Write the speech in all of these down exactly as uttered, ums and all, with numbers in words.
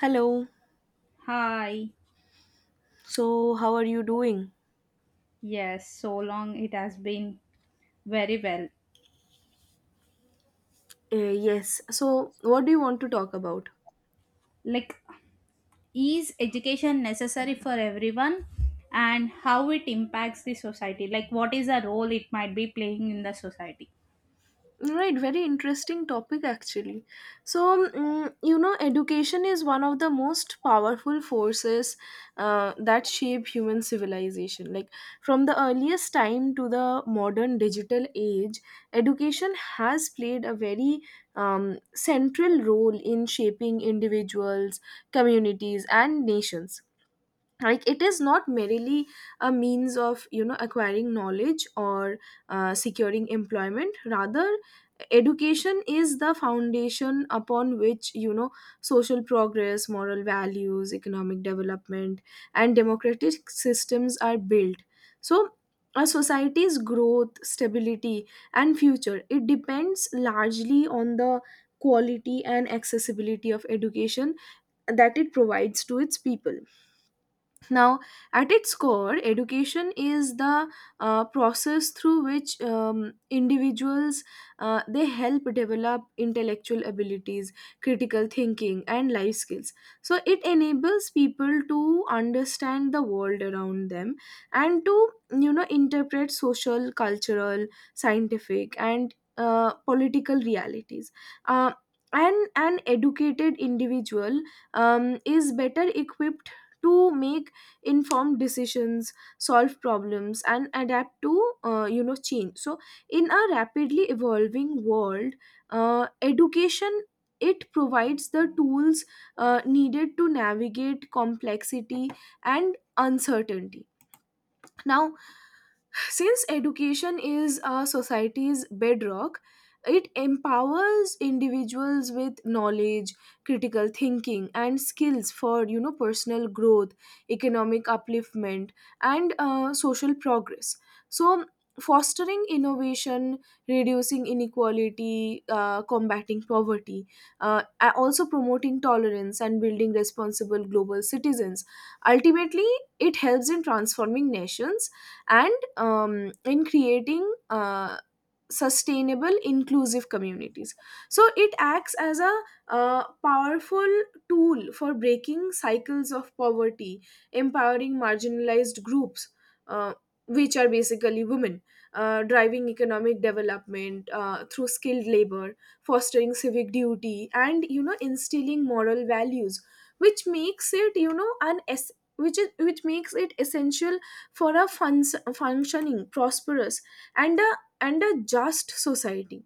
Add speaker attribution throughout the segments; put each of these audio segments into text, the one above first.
Speaker 1: Hello.
Speaker 2: Hi.
Speaker 1: So, how are you doing?
Speaker 2: Yes, so long it has been very well.
Speaker 1: Uh, yes. So, what do you want to talk about?
Speaker 2: Like, is education necessary for everyone and how it impacts the society? Like, what is the role it might be playing in the society?
Speaker 1: Right, very interesting topic actually. So, mm, you know, education is one of the most powerful forces uh, that shape human civilization. Like, from the earliest time to the modern digital age, education has played a very um, central role in shaping individuals, communities, and nations, like it is not merely a means of you know acquiring knowledge or uh, securing employment. Rather, education is the foundation upon which you know social progress, moral values, economic development, and democratic systems are built. So a society's growth, stability, and future, it depends largely on the quality and accessibility of education that it provides to its people. Now, at its core, education is the uh, process through which um, individuals, uh, they help develop intellectual abilities, critical thinking, and life skills. So it enables people to understand the world around them and to you know interpret social, cultural, scientific, and uh, political realities. Uh, and an educated individual um, is better equipped to make informed decisions, solve problems, and adapt to uh, you know change. So in a rapidly evolving world, uh, education, it provides the tools uh, needed to navigate complexity and uncertainty. Now, since education is a society's bedrock, it empowers individuals with knowledge, critical thinking, and skills for you know personal growth, economic upliftment, and uh, social progress. So, fostering innovation, reducing inequality, uh, combating poverty, uh, a- also promoting tolerance, and building responsible global citizens. Ultimately, it helps in transforming nations and um, in creating uh, sustainable, inclusive communities. So it acts as a uh, powerful tool for breaking cycles of poverty, empowering marginalized groups, uh, which are basically women, uh, driving economic development uh, through skilled labor, fostering civic duty, and you know instilling moral values, which makes it you know an es- which is which makes it essential for a fun- functioning, prosperous, and a and a just society.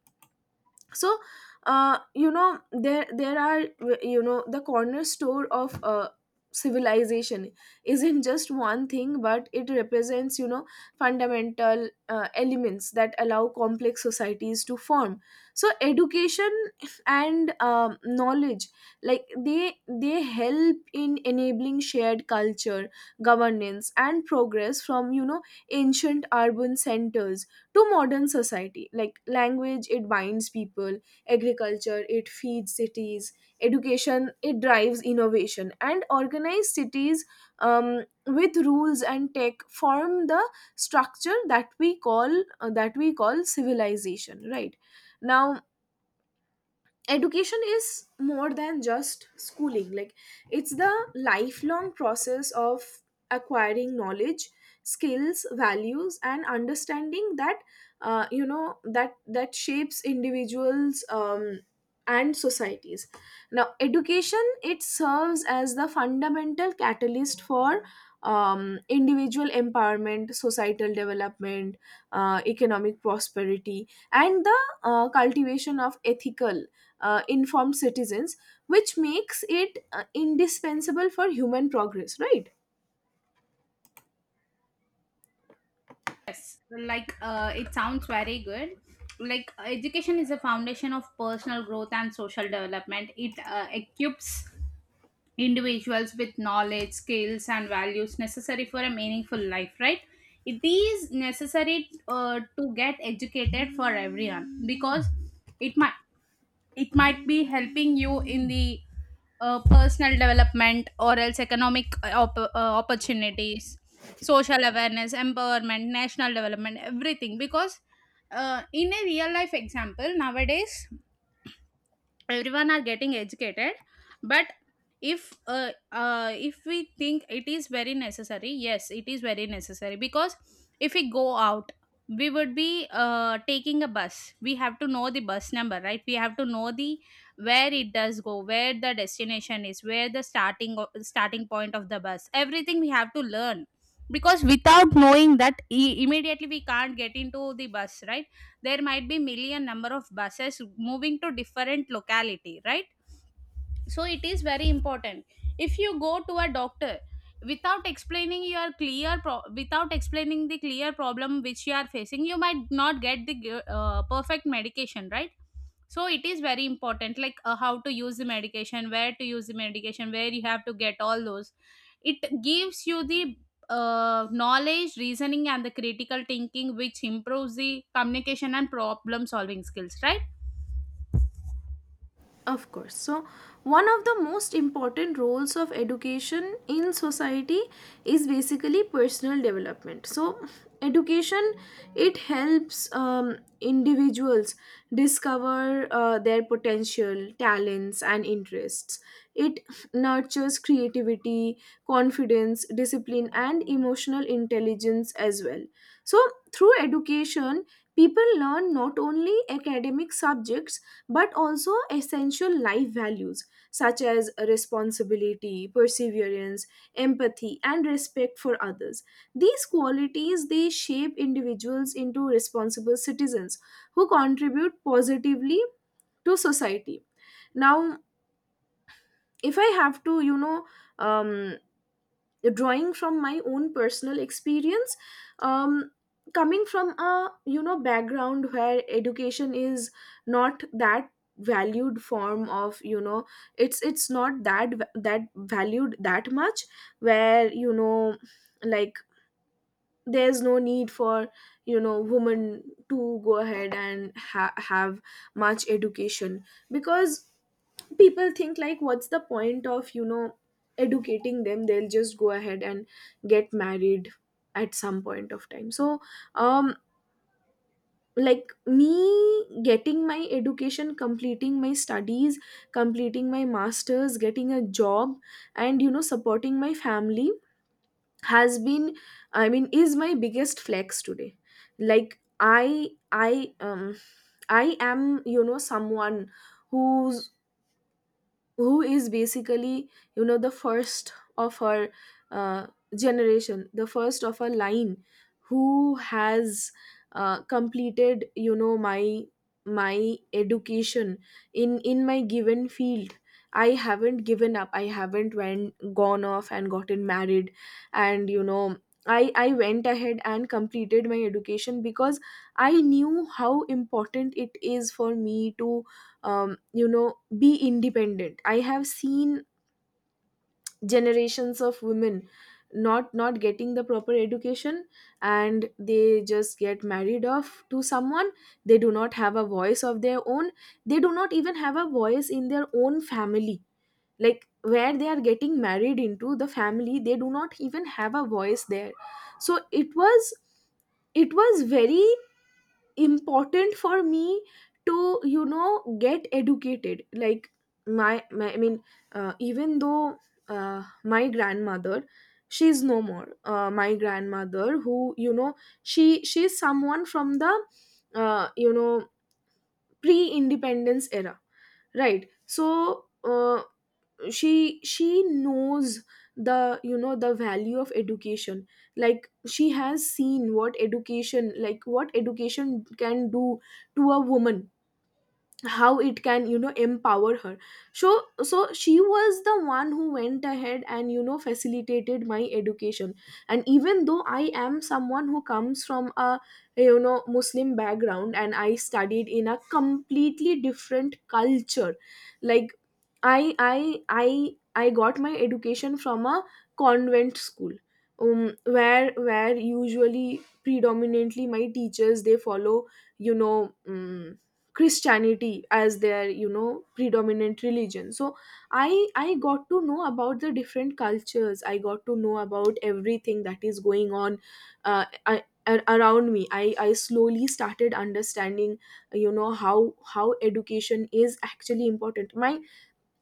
Speaker 1: So uh, you know there there are, you know the corner store of uh, civilization isn't just one thing, but it represents you know fundamental uh, elements that allow complex societies to form. So education and um, knowledge, like they they help in enabling shared culture, governance, and progress, from you know ancient urban centers to modern society. Like, language, it binds people; agriculture, it feeds cities; education, it drives innovation; and organized cities um, with rules and tech form the structure that we call uh, that we call civilization, right? Now, education is more than just schooling, like it's the lifelong process of acquiring knowledge, skills, values, and understanding that uh, you know that that shapes individuals um, and societies. Now, education, it serves as the fundamental catalyst for um, individual empowerment, societal development, uh, economic prosperity, and the uh, cultivation of ethical, uh, informed citizens, which makes it uh, indispensable for human progress, right?
Speaker 2: Yes, like, uh, it sounds very good. Like, education is a foundation of personal growth and social development. It uh, equips individuals with knowledge, skills, and values necessary for a meaningful life, right? It is necessary uh, to get educated for everyone because it might it might be helping you in the uh, personal development or else economic uh, op- uh, opportunities, social awareness, empowerment, national development, everything. Because uh, in a real life example nowadays everyone are getting educated, but if uh, uh, if we think it is very necessary, yes, it is very necessary, because if we go out, we would be uh, taking a bus. We have to know the bus number, right? We have to know the where it does go, where the destination is, where the starting o- starting point of the bus, everything we have to learn, because without knowing that, i- immediately we can't get into the bus, right? There might be million number of buses moving to different locality, right? So it is very important. If you go to a doctor without explaining your clear pro- without explaining the clear problem which you are facing, you might not get the uh, perfect medication, right? So it is very important, like, uh, how to use the medication, where to use the medication, where you have to get all those. It gives you the uh, knowledge, reasoning, and the critical thinking, which improves the communication and problem solving skills, right?
Speaker 1: Of course. So, one of the most important roles of education in society is basically personal development. So, education, it helps um, individuals discover uh, their potential, talents, and interests. It nurtures creativity, confidence, discipline, and emotional intelligence as well. So, Through education, people learn not only academic subjects, but also essential life values such as responsibility, perseverance, empathy, and respect for others. These qualities, they shape individuals into responsible citizens who contribute positively to society. Now, if I have to, you know, um, drawing from my own personal experience, um, coming from a you know background where education is not that valued form of, you know it's it's not that va- that valued that much, where you know like there's no need for you know women to go ahead and ha- have much education because people think like, what's the point of you know educating them, they'll just go ahead and get married at some point of time. So um like, me getting my education, completing my studies, completing my masters, getting a job, and you know supporting my family has been, I mean, is my biggest flex today. Like i i um, i am you know someone who's who is basically, you know the first of her uh, generation, the first of her line, who has uh, completed, you know my my education in in my given field. I haven't given up, I haven't went gone off and gotten married, and you know i i went ahead and completed my education because I knew how important it is for me to um, you know be independent. I have seen generations of women not not getting the proper education, and they just get married off to someone. They do not have a voice of their own, they do not even have a voice in their own family, like where they are getting married into, the family, they do not even have a voice there. So it was it was very important for me to you know get educated. Like my, my I mean uh, even though, uh, my grandmother, she's no more, uh, my grandmother, who, you know she she's someone from the uh, you know pre independence era, right? So uh, she she knows the, you know the value of education, like she has seen what education, like what education can do to a woman, how it can you know empower her. So so she was the one who went ahead and you know facilitated my education. And even though I am someone who comes from a you know muslim background, and I studied in a completely different culture, like i i i i got my education from a convent school, um, where where usually predominantly my teachers, they follow you know um, christianity as their you know predominant religion. So i i got to know about the different cultures, I got to know about everything that is going on uh, I, a- around me. I i slowly started understanding you know how how education is actually important. my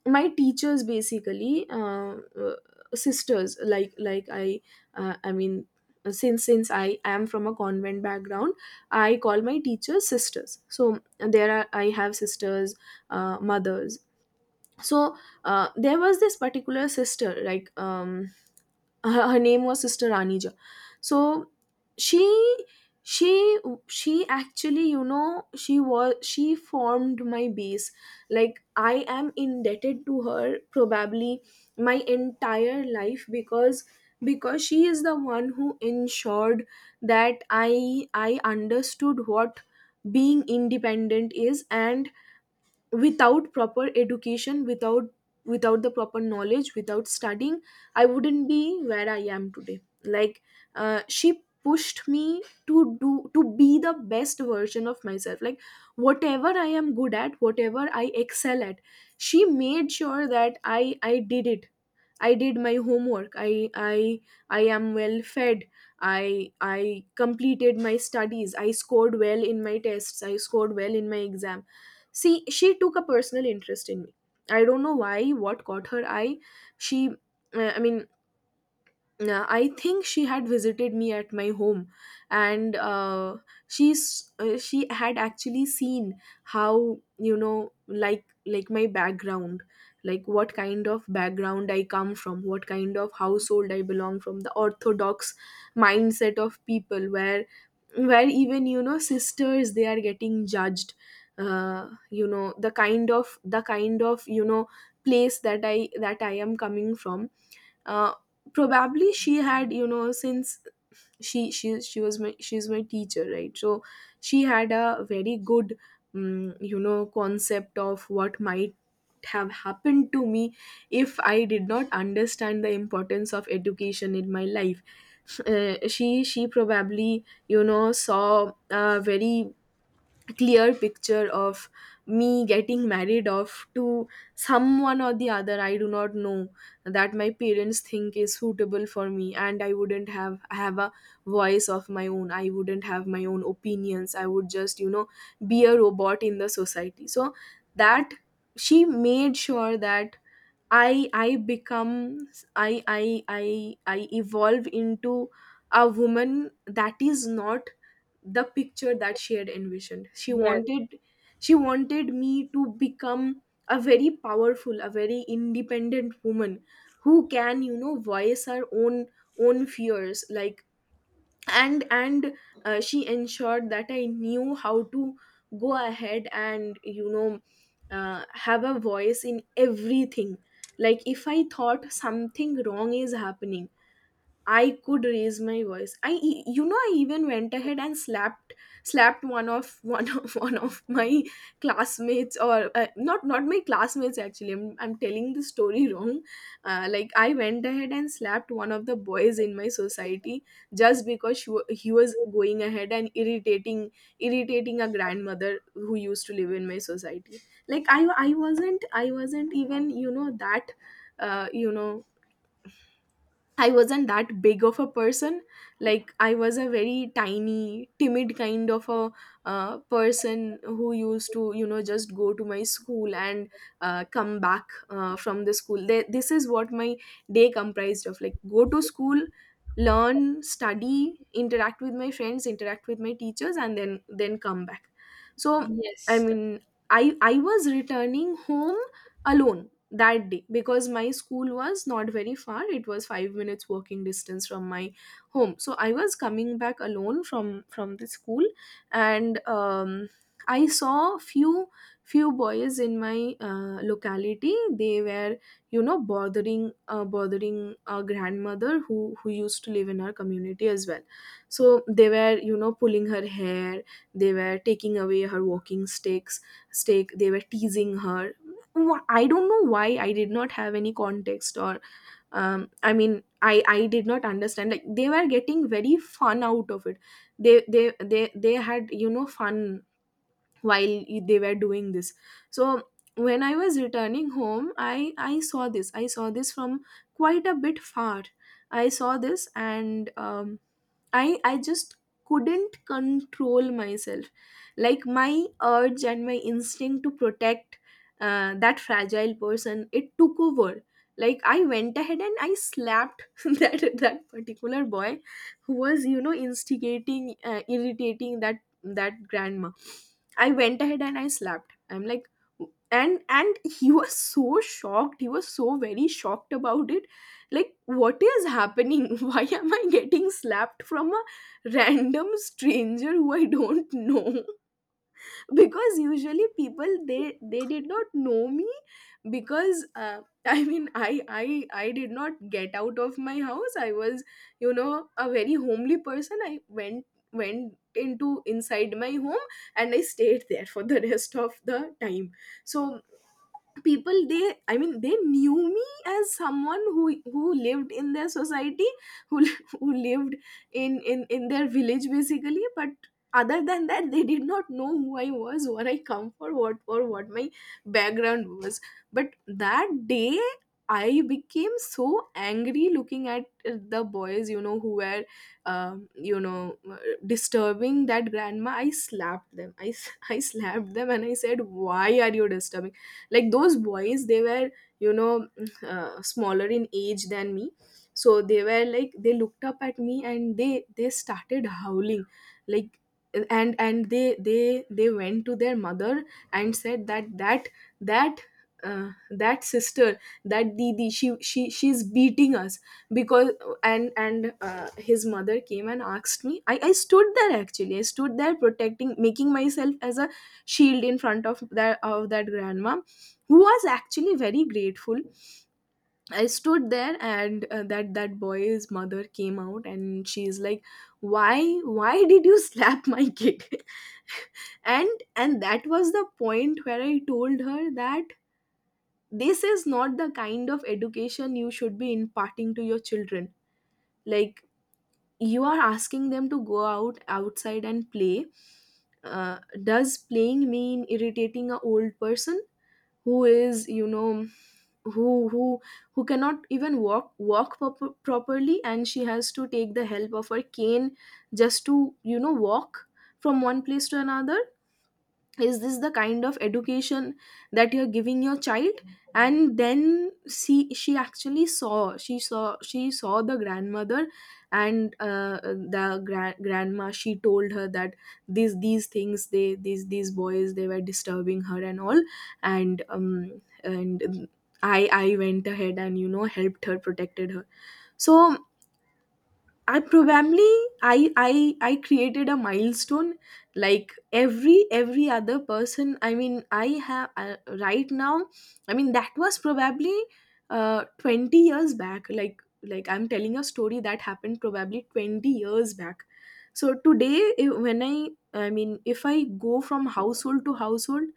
Speaker 1: my teachers, basically, uh, uh, sisters, like like i uh, i mean uh, since since I am from a convent background, I call my teachers sisters. So there are, I have sisters, uh, mothers. So uh, there was this particular sister, like, um, her, her name was Sister Anija. So she, she she actually, you know she was she formed my base, like I am indebted to her probably my entire life, because because she is the one who ensured that i i understood what being independent is, and without proper education, without without the proper knowledge, without studying, I wouldn't be where I am today. Like uh, she pushed me to do to be the best version of myself, like whatever I am good at, whatever I excel at, she made sure that i i did it. I did my homework, I i i am well fed, i i completed my studies, I scored well in my tests, I scored well in my exam. See, she took a personal interest in me, I don't know why, what caught her eye. She uh, i mean uh, I think she had visited me at my home, and uh, she's uh, she had actually seen how, you know like like my background, like what kind of background I come from, what kind of household I belong from, the orthodox mindset of people, where where even, you know sisters, they are getting judged, uh you know the kind of the kind of you know place that i that I am coming from. uh, Probably she had, you know since she she she was my she's my teacher, right? So she had a very good um, you know concept of what might have happened to me if I did not understand the importance of education in my life. uh, she she probably, you know saw a very clear picture of me getting married off to someone or the other, I do not know, that my parents think is suitable for me, and I wouldn't have I have a voice of my own, I wouldn't have my own opinions, I would just, you know be a robot in the society. So that she made sure that I I become i i i i evolve into a woman, that is not the picture that she had envisioned. she
Speaker 2: Yes.
Speaker 1: wanted she wanted me to become a very powerful, a very independent woman, who can, you know voice her own, own fears, like, and and uh, she ensured that I knew how to go ahead and, you know uh, have a voice in everything. Like, if I thought something wrong is happening, I could raise my voice. I, e- you know, I even went ahead and slapped, slapped one of, one of one of my classmates, or uh, not, not my classmates. Actually, I'm, I'm telling the story wrong. Uh, like I went ahead and slapped one of the boys in my society just because she, wa- he was going ahead and irritating, irritating a grandmother who used to live in my society. Like I, I wasn't, I wasn't even, you know, that, uh, you know I wasn't that big of a person. Like I was a very tiny, timid kind of a uh, person who used to, you know, just go to my school and uh, come back uh, from the school. Th- this is what my day comprised of. Like go to school, learn, study, interact with my friends, interact with my teachers, and then then come back. So, I
Speaker 2: Yes.
Speaker 1: mean, I I was returning home alone that day because my school was not very far. It was 5 minutes walking distance from my home, so I was coming back alone from from the school. And um, I saw few few boys in my uh, locality. They were, you know bothering, uh, bothering a grandmother who who used to live in our community as well. So they were, you know pulling her hair. They were taking away her walking sticks, stake, they were teasing her. Wh- I don't know why. I did not have any context, or um, I mean, I I did not understand. Like they were getting very fun out of it. They they they they had, you know fun while y- they were doing this. So when I was returning home, I I saw this. I saw this from quite a bit far. I saw this, and um, I I just couldn't control myself. Like my urge and my instinct to protect uh, that fragile person, it took over. Like I went ahead and I slapped that that particular boy who was, you know instigating, uh, irritating that that grandma. I went ahead and I slapped. I'm like, and and he was so shocked. He was so very shocked about it. Like, what is happening? Why am I getting slapped from a random stranger who I don't know? Because usually people, they they did not know me. Because uh, I mean, I, I i did not get out of my house. I was, you know a very homely person. I went went into inside my home and I stayed there for the rest of the time. So people, they, I mean, they knew me as someone who who lived in their society, who who lived in in in their village, basically. But other than that, they did not know who I was, what I come for, what, or what my background was. But that day, I became so angry looking at the boys, you know who were, um, you know disturbing that grandma. I slapped them. i s- I slapped them and I said, why are you disturbing? Like those boys, they were, you know uh, smaller in age than me. So they were like, they looked up at me and they they started howling, like. And and they they they went to their mother and said that, that that uh, that sister, that didi, she she she's beating us. Because, and and uh, his mother came and asked me. I i stood there. Actually, I stood there protecting, making myself as a shield in front of that, of that grandma, who was actually very grateful. I stood there and, uh, that that boy's mother came out and she's like, why why did you slap my kid? and and that was the point where I told her that this is not the kind of education you should be imparting to your children. Like, you are asking them to go out outside and play. Uh, does playing mean irritating a old person who is, you know who who who cannot even walk walk proper properly, and she has to take the help of her cane just to, you know walk from one place to another. Is this the kind of education that you're giving your child? And then she she actually saw she saw she saw the grandmother. And uh, the gra- grandma, she told her that these these things, they, these these boys, they were disturbing her and all. And um and i i went ahead and, you know helped her, protected her. So I probably, I I I created a milestone. Like every every other person. I mean, I have, uh, right now. I mean, that was probably uh, twenty years back. Like like I'm telling a story that happened probably twenty years back. So today, if, when I I mean, if I go from household to household,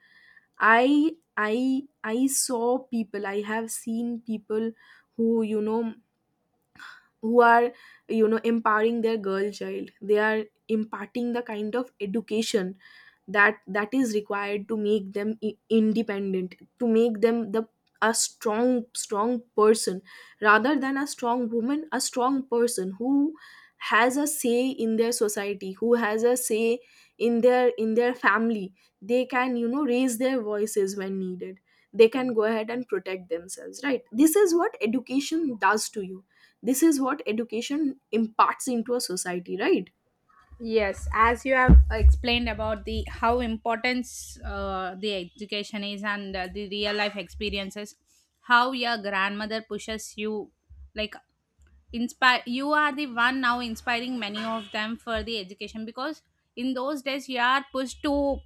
Speaker 1: I I I saw people. I have seen people who, you know who are, you know empowering their girl child. They are imparting the kind of education that that is required to make them i- independent, to make them the a strong strong person, rather than a strong woman, a strong person who has a say in their society, who has a say in their, in their family. They can, you know raise their voices when needed. They can go ahead and protect themselves, right? This is what education does to you. This is what education imparts into a society, right?
Speaker 2: Yes, as you have explained about the how importance uh, the education is and uh, the real life experiences, how your grandmother pushes you, like, inspire, you are the one now inspiring many of them for the education, because in those days you are pushed to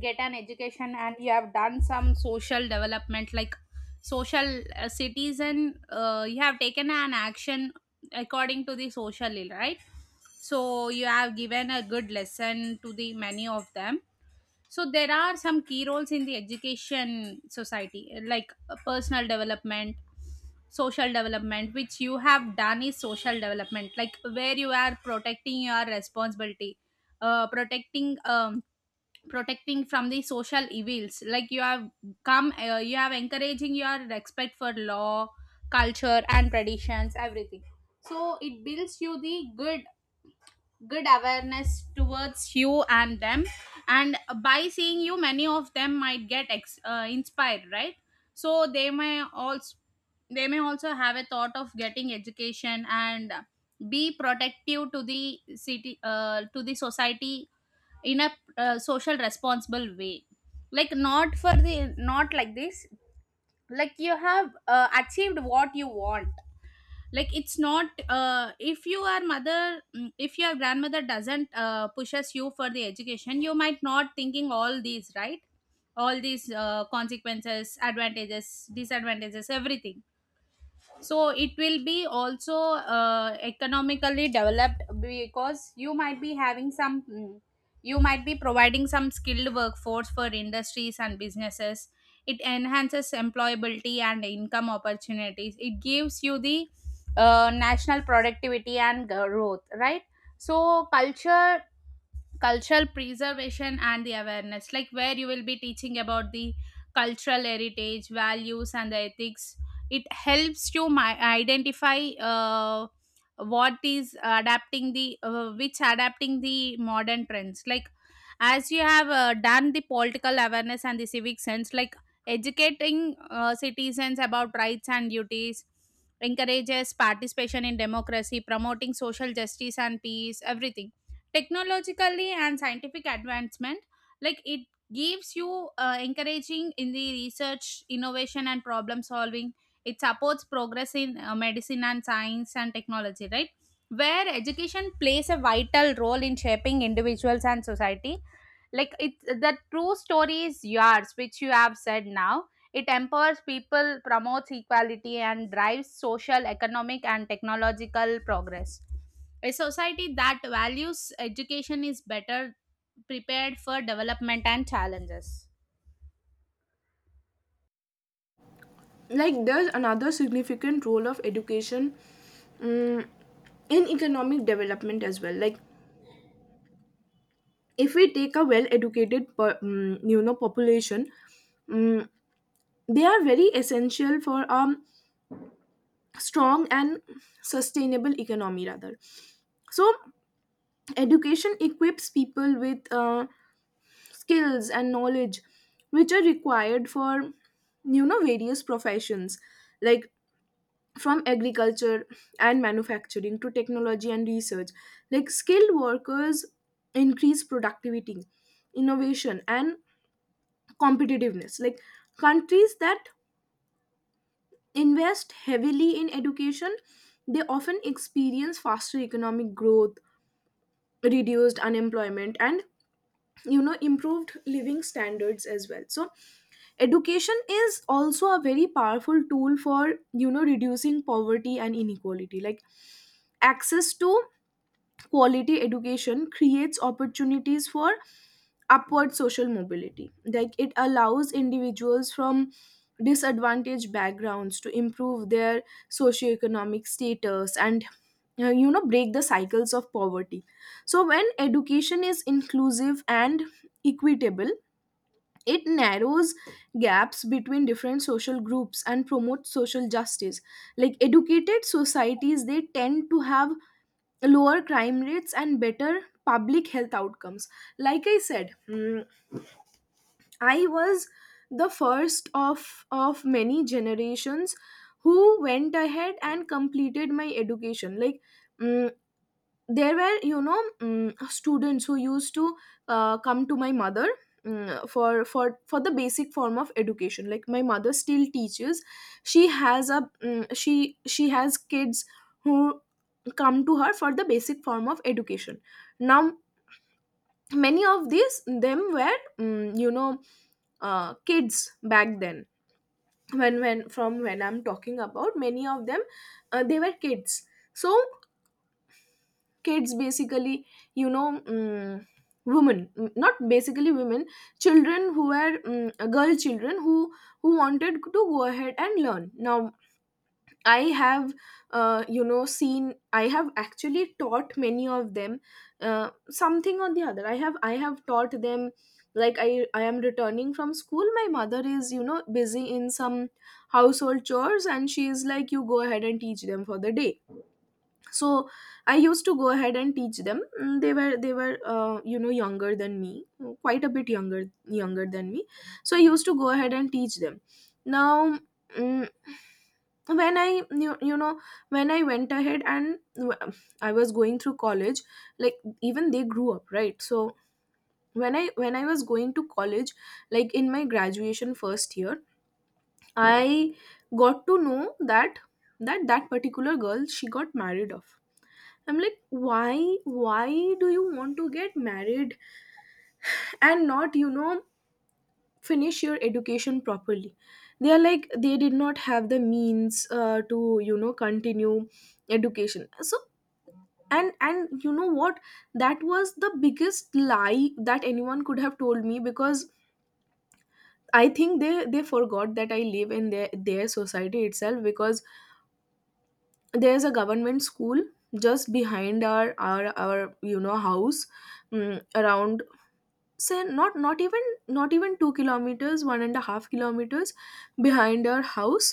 Speaker 2: get an education, and you have done some social development, like social uh, citizen, uh, you have taken an action according to the social ill, right? So you have given a good lesson to the many of them. So there are some key roles in the education society, like uh, personal development, social development, which you have done is social development, like where you are protecting your responsibility, uh, protecting um, protecting from the social evils. Like you have come, uh, you have encouraging your respect for law, culture, and traditions, everything. So it builds you the good good awareness towards you and them, and by seeing you many of them might get ex- uh, inspired, right? So they may also they may also have a thought of getting education and be protective to the city, uh, to the society in a uh, social responsible way, like not for the not like this, like you have uh, achieved what you want. Like it's not uh, if your mother, mm, if your grandmother doesn't uh, pushes you for the education, you might not thinking all these, right? All these uh, consequences, advantages, disadvantages, everything. So it will be also uh, economically developed, because you might be having some mm, you might be providing some skilled workforce for industries and businesses. It enhances employability and income opportunities. It gives you the uh, national productivity and uh, growth, right? So culture cultural preservation and the awareness, like where you will be teaching about the cultural heritage, values, and the ethics. It helps you mi- identify uh, what is adapting the uh, which adapting the modern trends, like as you have uh, done the political awareness and the civic sense, like educating uh, citizens about rights and duties, encourages participation in democracy, promoting social justice and peace, everything. Technologically and scientific advancement, like it gives you uh, encouraging in the research, innovation, and problem solving. It supports progress in uh, medicine and science and technology, right? Where education plays a vital role in shaping individuals and society, like it's the true story is yours which you have said now. It empowers people, promotes equality, and drives social, economic, and technological progress. A society that values education is better prepared for development and challenges.
Speaker 1: Like, there's another significant role of education, um, in economic development as well. Like, if we take a well educated, um, you know population, um, they are very essential for a strong and sustainable economy, rather. So education equips people with, uh, skills and knowledge which are required for, you know various professions, like from agriculture and manufacturing to technology and research. Like, skilled workers increase productivity, innovation, and competitiveness. Like, countries that invest heavily in education, they often experience faster economic growth, reduced unemployment, and, you know improved living standards as well. So education is also a very powerful tool for, you know reducing poverty and inequality. Like, access to quality education creates opportunities for upward social mobility. Like, it allows individuals from disadvantaged backgrounds to improve their socioeconomic status and, uh, you know break the cycles of poverty. So when education is inclusive and equitable, it narrows gaps between different social groups and promotes social justice. Like, educated societies, they tend to have lower crime rates and better public health outcomes. Like I said, mm, I was the first of of many generations who went ahead and completed my education. Like, mm, there were, you know mm students who used to, uh, come to my mother, mm, for for for the basic form of education. Like, my mother still teaches. She has a mm, she she has kids who come to her for the basic form of education now. Many of these them were, mm, you know uh, kids back then. When when from when I'm talking about many of them, uh, they were kids. So kids, basically, you know mm women, mm, not basically women, children who were, mm, uh, girl children who who wanted to go ahead and learn. Now, I have, uh, you know seen. I have actually taught many of them, uh, something or the other. I have i have taught them. Like, i i am returning from school, my mother is, you know busy in some household chores, and she is like, you go ahead and teach them for the day. So I used to go ahead and teach them. Mm, they were, they were uh, you know younger than me. Quite a bit younger, younger than me. So I used to go ahead and teach them. Now, mm, when I you, you know when I went ahead and w- I was going through college. Like, even they grew up, right? So when I, when i was going to college, like in my graduation first year, I got to know that, that that particular girl, she got married off. I'm like, why, why do you want to get married and not, you know, finish your education properly? They are like, they did not have the means, uh, to, you know, continue education. So, and and you know what? That was the biggest lie that anyone could have told me, because I think they they forgot that I live in their their society itself. Because there's a government school just behind our our our, you know house, mm, around. So not not even not even two kilometers, one and a half kilometers behind our house,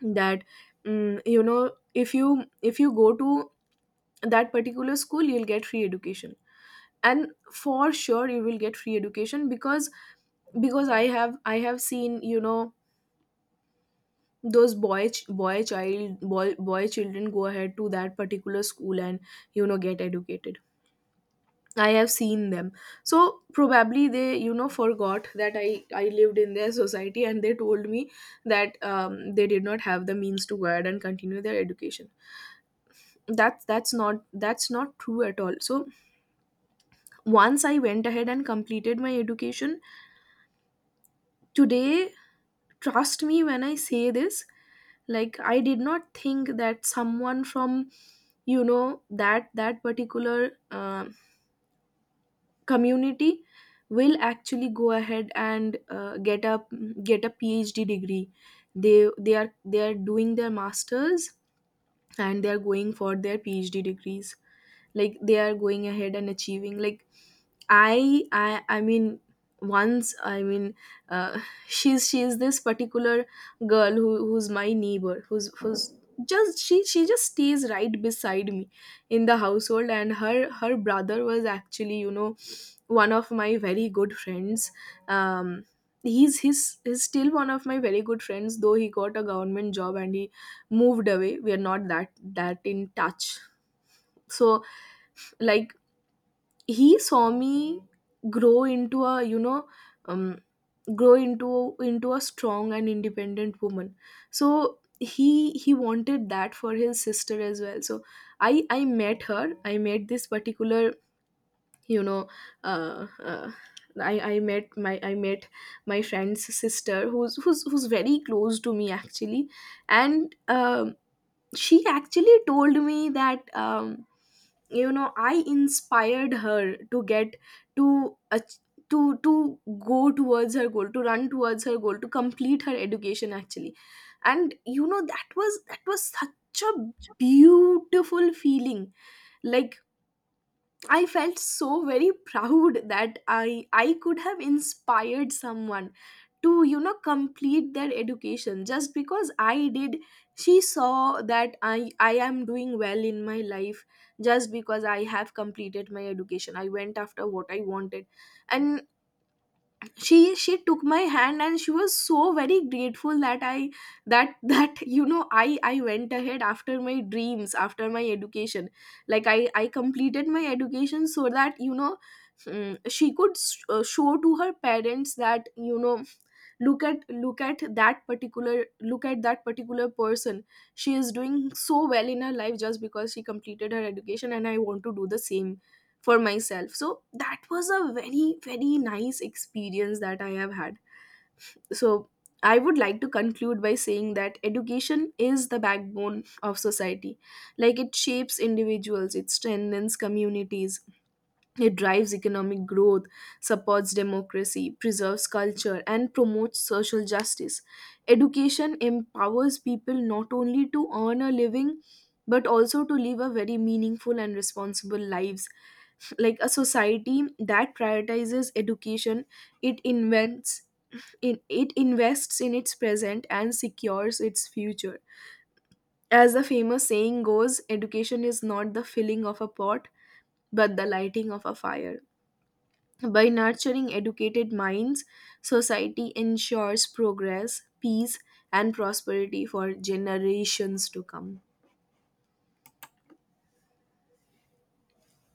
Speaker 1: that, mm, you know if you, if you go to that particular school, you'll get free education. And for sure you will get free education, because because i have i have seen, you know those boy ch- boy child boy, boy children go ahead to that particular school and, you know get educated. I have seen them. So probably they, you know, forgot that I I lived in their society, and they told me that, um, they did not have the means to go ahead and continue their education. That's that's not that's not true at all. So once I went ahead and completed my education today, trust me when I say this, like, I did not think that someone from, you know that that particular um community will actually go ahead and, uh, get a, get a PhD degree. They they are they are doing their masters, and they are going for their PhD degrees. Like, they are going ahead and achieving. Like, I I I mean once I mean uh, she's she's this particular girl who who's my neighbor, who's who's just, she she just stays right beside me in the household. And her her brother was actually, you know one of my very good friends. um he's he's, he's still one of my very good friends, though he got a government job and he moved away. We are not that that in touch. So like, he saw me grow into a you know um, grow into into a strong and independent woman. So he he wanted that for his sister as well. So i i met her. I met this particular you know uh, uh, I, I met my I met my friend's sister, who's who's who's very close to me, actually. And um, she actually told me that, um, you know I inspired her to get, to ach- to to go towards her goal, to run towards her goal, to complete her education, actually. And, you know that was, that was such a beautiful feeling. Like, I felt so very proud that I I could have inspired someone to, you know complete their education just because I did. She saw that I I am doing well in my life just because I have completed my education. I went after what I wanted. And she she took my hand, and she was so very grateful that I that that you know i i went ahead after my dreams, after my education. Like, i i completed my education so that, you know mm, she could, s- uh, show to her parents that, you know look at, look at that particular look at that particular person. She is doing so well in her life just because she completed her education, and I want to do the same for myself. So that was a very, very nice experience that I have had. So I would like to conclude by saying that education is the backbone of society. Like, it shapes individuals, it strengthens communities, it drives economic growth, supports democracy, preserves culture, and promotes social justice. Education empowers people not only to earn a living, but also to live a very meaningful and responsible lives. Like, a society that prioritizes education, it invents in it invests in its present and secures its future. As the famous saying goes, education is not the filling of a pot, but the lighting of a fire. By nurturing educated minds, society ensures progress, peace, and prosperity for generations to come.